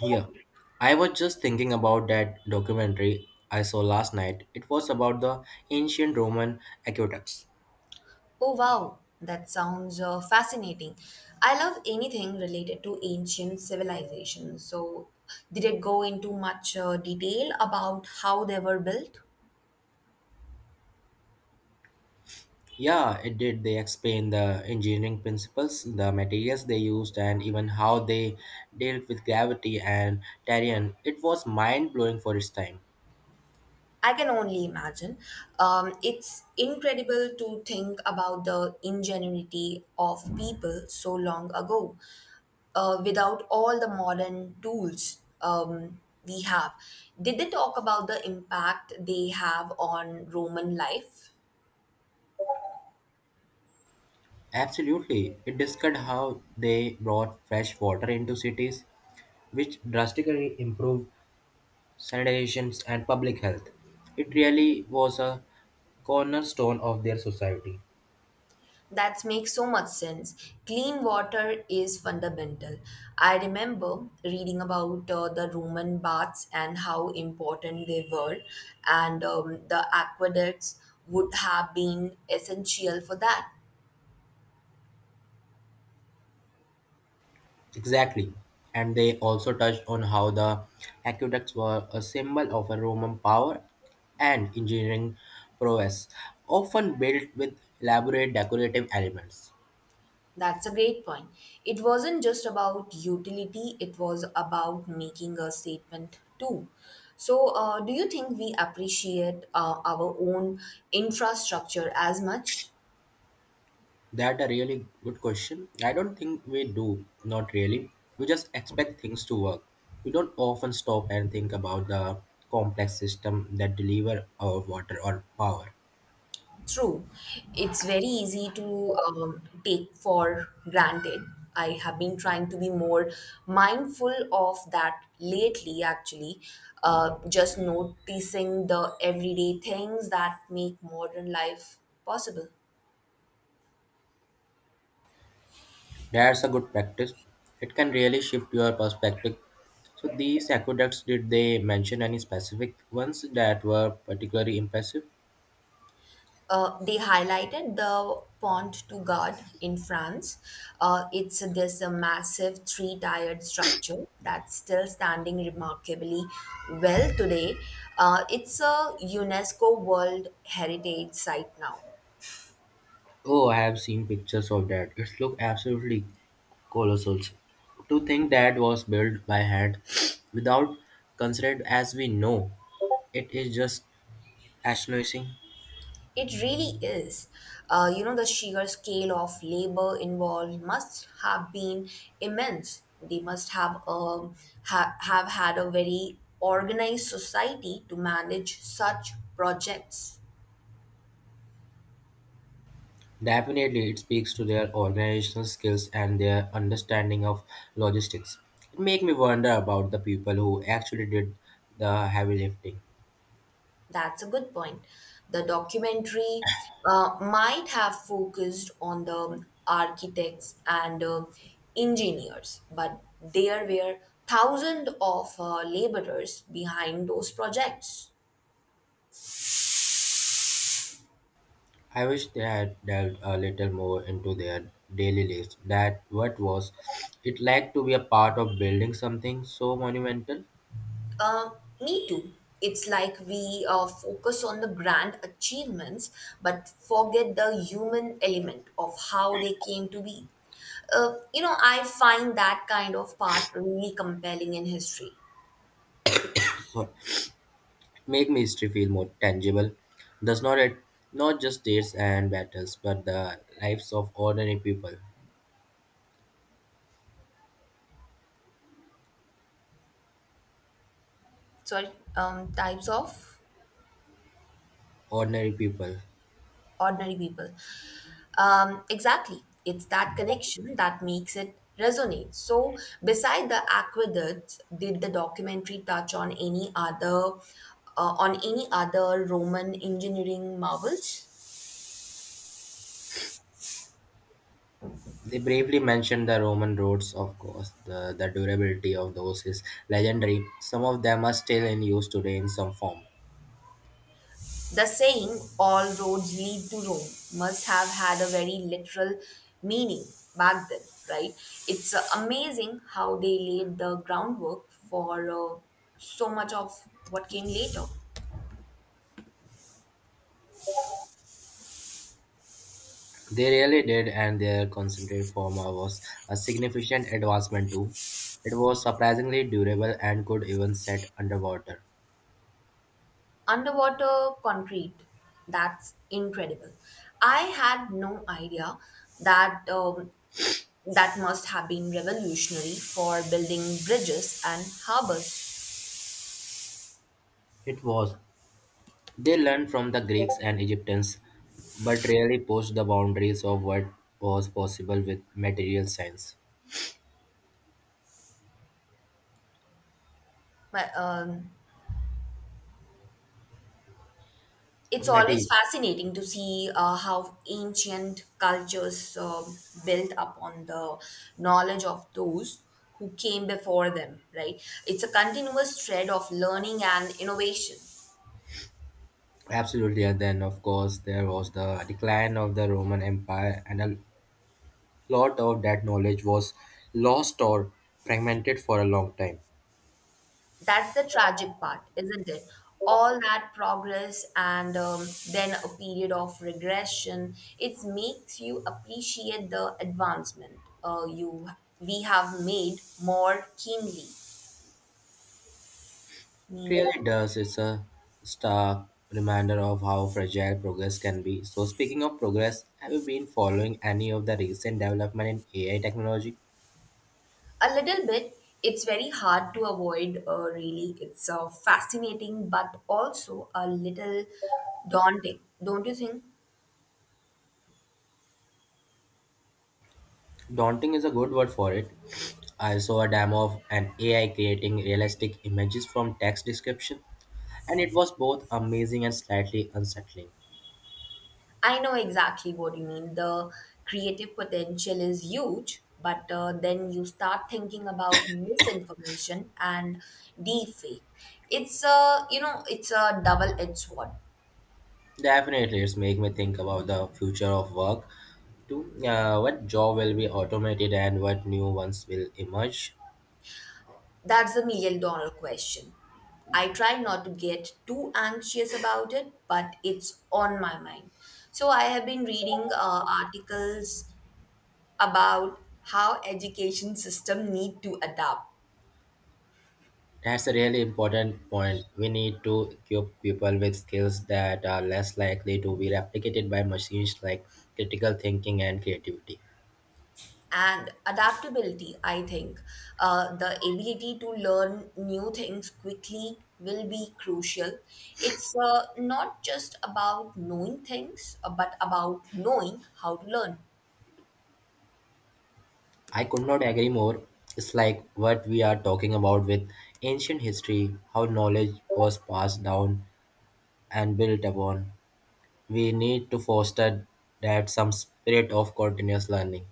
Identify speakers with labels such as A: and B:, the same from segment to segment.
A: Yeah, I was just thinking about that documentary I saw last night. It was about the ancient Roman aqueducts.
B: Oh, wow, that sounds fascinating. I love anything related to ancient civilizations. So, did it go into much detail about how they were built?
A: Yeah, it did. They explain the engineering principles, the materials they used, and even how they dealt with gravity and terrain. It was mind blowing for its time.
B: I can only imagine. It's incredible to think about the ingenuity of people so long ago without all the modern tools we have. Did they talk about the impact they have on Roman life?
A: Absolutely. It discussed how they brought fresh water into cities, which drastically improved sanitations, and public health. It really was a cornerstone of their society.
B: That makes so much sense. Clean water is fundamental. I remember reading about the Roman baths and how important they were, and the aqueducts would have been essential for that.
A: Exactly. And they also touched on how the aqueducts were a symbol of a Roman power and engineering prowess, often built with elaborate decorative elements.
B: That's a great point. It wasn't just about utility, it was about making a statement too. So, do you think we appreciate our own infrastructure as much?
A: That a really good question. I don't think we do, not really. We just expect things to work. We don't often stop and think about the complex system that deliver our water or power.
B: True. It's very easy to take for granted. I have been trying to be more mindful of that lately, actually. Just noticing the everyday things that make modern life possible.
A: That's a good practice. It can really shift your perspective. So these aqueducts, did they mention any specific ones that were particularly impressive?
B: They highlighted the Pont du Gard in France. It's this massive three-tiered structure that's still standing remarkably well today. It's a UNESCO World Heritage Site now.
A: Oh, I have seen pictures of that. It looked absolutely colossal. To think that was built by hand without constraint as we know, it is just astonishing.
B: It really is. The sheer scale of labor involved must have been immense. They must have have had a very organized society to manage such projects.
A: Definitely, it speaks to their organizational skills and their understanding of logistics. It makes me wonder about the people who actually did the heavy lifting.
B: That's a good point. The documentary might have focused on the architects and engineers, but there were thousands of laborers behind those projects.
A: I wish they had delved a little more into their daily lives. That what was it like to be a part of building something so monumental?
B: Uh, Me too. It's like we focus on the grand achievements, but forget the human element of how they came to be. I find that kind of part really compelling in history.
A: Sorry. Make me history feel more tangible. Does not it not just dates and battles, but the lives of ordinary people.
B: Sorry, types of
A: Ordinary people.
B: ordinary people. Exactly. It's that connection that makes it resonate. So, beside the aqueducts, did the documentary touch on any other on any other Roman engineering marvels?
A: They briefly mention the Roman roads, of course; the durability of those is legendary. Some of them are still in use today in some form.
B: The saying "all roads lead to Rome" must have had a very literal meaning back then, right? It's amazing how they laid the groundwork for so much of what came later.
A: They really did, and their concentrated form was a significant advancement too. It was surprisingly durable and could even set underwater.
B: Underwater concrete. That's incredible. I had no idea that that must have been revolutionary for building bridges and harbors.
A: It was. They learned from the Greeks and Egyptians, but really pushed the boundaries of what was possible with material science.
B: But it's always
A: Matty.
B: fascinating to see how ancient cultures built upon the knowledge of those who came before them. Right? It's a continuous thread of learning and innovation.
A: Absolutely, and then of course there was the decline of the Roman Empire, and a lot of that knowledge was lost or fragmented for a long time.
B: That's the tragic part, isn't it? All that progress and then a period of regression. It makes you appreciate the advancement you we have made more keenly,
A: It really
B: meanly.
A: does. It's a stark reminder of how fragile progress can be. So, speaking of progress, have you been following any of the recent development in AI technology?
B: A little bit. It's very hard to avoid. Really, it's fascinating, but also a little daunting, don't you think?
A: Daunting is a good word for it. I saw a demo of an AI creating realistic images from text description, and it was both amazing and slightly unsettling.
B: I know exactly what you mean. The creative potential is huge, but then you start thinking about misinformation and deepfake. It's a double-edged sword.
A: Definitely, it's make me think about the future of work too. What job will be automated and what new ones will emerge?
B: That's the million-dollar question. I try not to get too anxious about it, but it's on my mind. So I have been reading articles about how education system need to adapt
A: That's a really important point. We need to equip people with skills that are less likely to be replicated by machines like critical thinking and creativity.
B: and adaptability. I think the ability to learn new things quickly will be crucial. It's not just about knowing things but about knowing how to learn.
A: I could not agree more. It's like what we are talking about with ancient history, how knowledge was passed down and built upon. We need to foster that some spirit of continuous learning.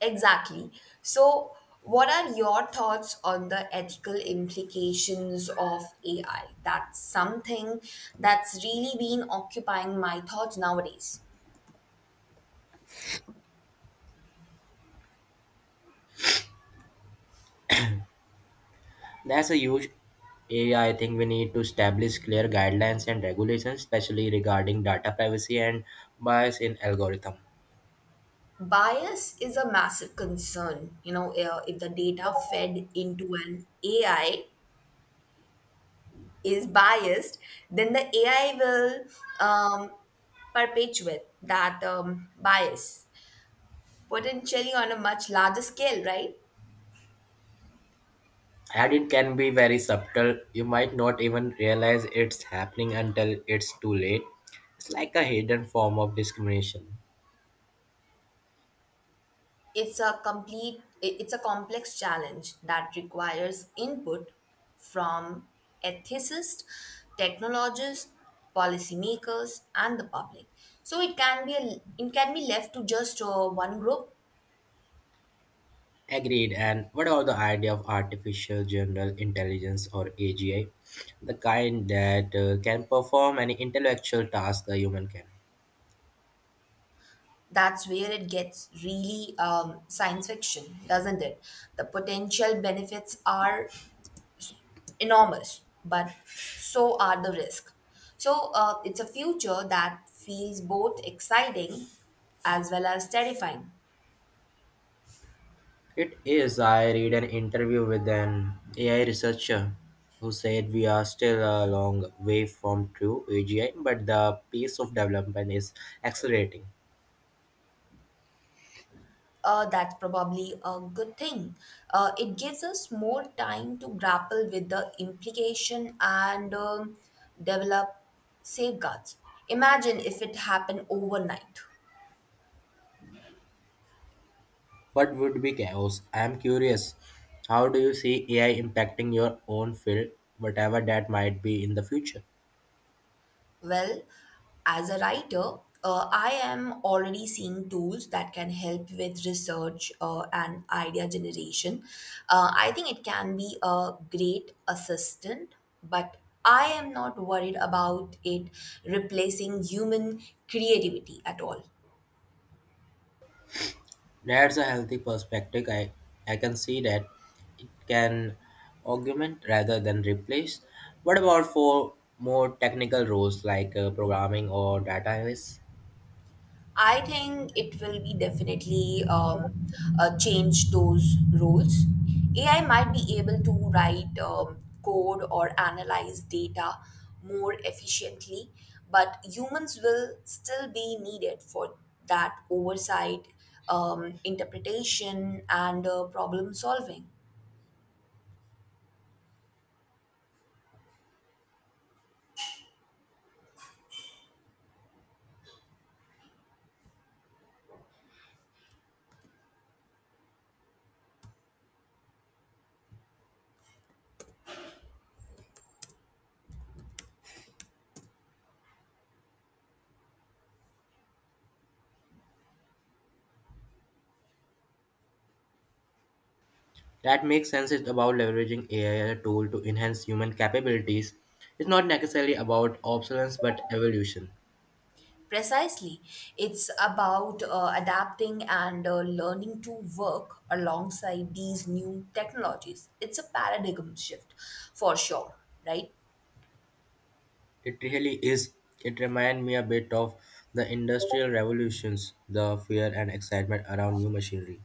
B: Exactly. So what are your thoughts on the ethical implications of ai? That's something that's really been occupying my thoughts nowadays.
A: That's a huge area I think we need to establish clear guidelines and regulations, especially regarding data privacy and bias in algorithm.
B: Bias is a massive concern. If the data fed into an ai is biased, then the ai will um, perpetuate that bias, potentially on a much larger scale, right?
A: And it can be very subtle. You might not even realize it's happening until it's too late. It's like a hidden form of discrimination.
B: it's a complete it's a complex challenge that requires input from ethicists, technologists, policymakers, and the public. So it can be it can be left to just one group.
A: Agreed. And what about the idea of artificial general intelligence or AGI, the kind that can perform any intellectual task a human can?
B: That's where it gets really science fiction, doesn't it? The potential benefits are enormous, but so are the risks. So it's a future that feels both exciting as well as terrifying.
A: It is. I read an interview with an AI researcher who said we are still a long way from true AGI, but the pace of development is accelerating.
B: That's probably a good thing. It gives us more time to grapple with the implication and develop safeguards. Imagine if it happened overnight.
A: What would be chaos? I am curious. How do you see AI impacting your own field, whatever that might be in the future?
B: Well, as a writer, I am already seeing tools that can help with research and idea generation. I think it can be a great assistant, but I am not worried about it replacing human creativity at all.
A: That's a healthy perspective. I can see that it can augment rather than replace. What about for more technical roles like programming or data analysis?
B: I think it will be definitely change those roles. AI might be able to write code or analyze data more efficiently, but humans will still be needed for that oversight, interpretation, and problem solving.
A: That makes sense. It's about leveraging AI as a tool to enhance human capabilities. It's not necessarily about obsolescence but evolution.
B: Precisely. It's about adapting and learning to work alongside these new technologies. It's a paradigm shift for sure, right?
A: It really is. It reminds me a bit of the industrial revolutions, the fear and excitement around new machinery.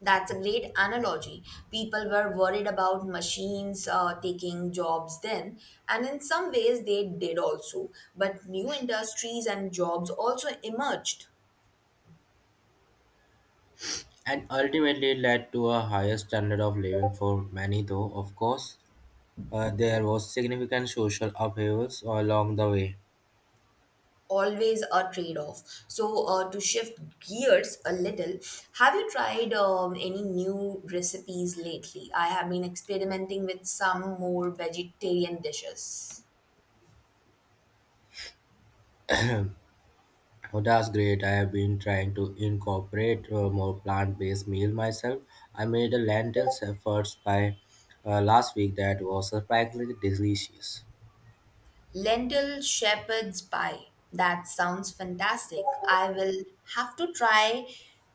B: That's a great analogy. People were worried about machines taking jobs then, and in some ways they did also. But new industries and jobs also emerged.
A: And ultimately led to a higher standard of living for many, though, of course, there was significant social upheavals along the way.
B: Always a trade-off. So, to shift gears a little, have you tried any new recipes lately? I have been experimenting with some more vegetarian dishes.
A: Oh, that's great. I have been trying to incorporate more plant based meal myself. I made a lentils efforts by last week that was surprisingly delicious.
B: Lentil shepherd's pie. That sounds fantastic. I will have to try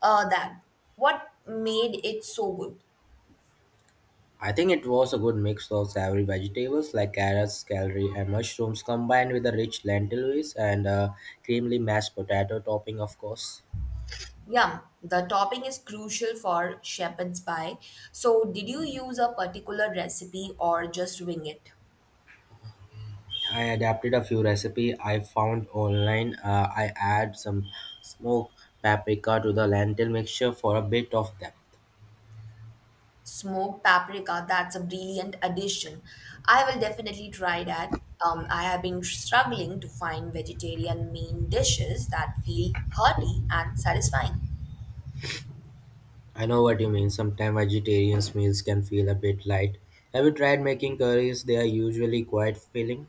B: that. What made it so good?
A: I think it was a good mix of savory vegetables like carrots, celery, and mushrooms combined with a rich lentil base and a creamily mashed potato topping, of course.
B: Yum. The topping is crucial for shepherd's pie. So, did you use a particular recipe or just wing it?
A: I adapted a few recipe I found online. I add some smoked paprika to the lentil mixture for a bit of depth.
B: Smoked paprika, that's a brilliant addition. I will definitely try that. I have been struggling to find vegetarian main dishes that feel hearty and satisfying.
A: I know what you mean. Sometimes vegetarian meals can feel a bit light. Have you tried making curries? They are usually quite filling.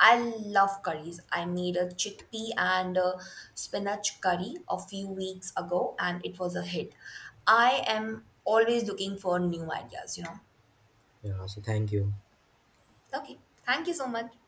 B: I love curries. I made a chickpea and a spinach curry a few weeks ago and it was a hit. I am always looking for new ideas, you know.
A: Yeah. So thank you.
B: Okay, thank you so much.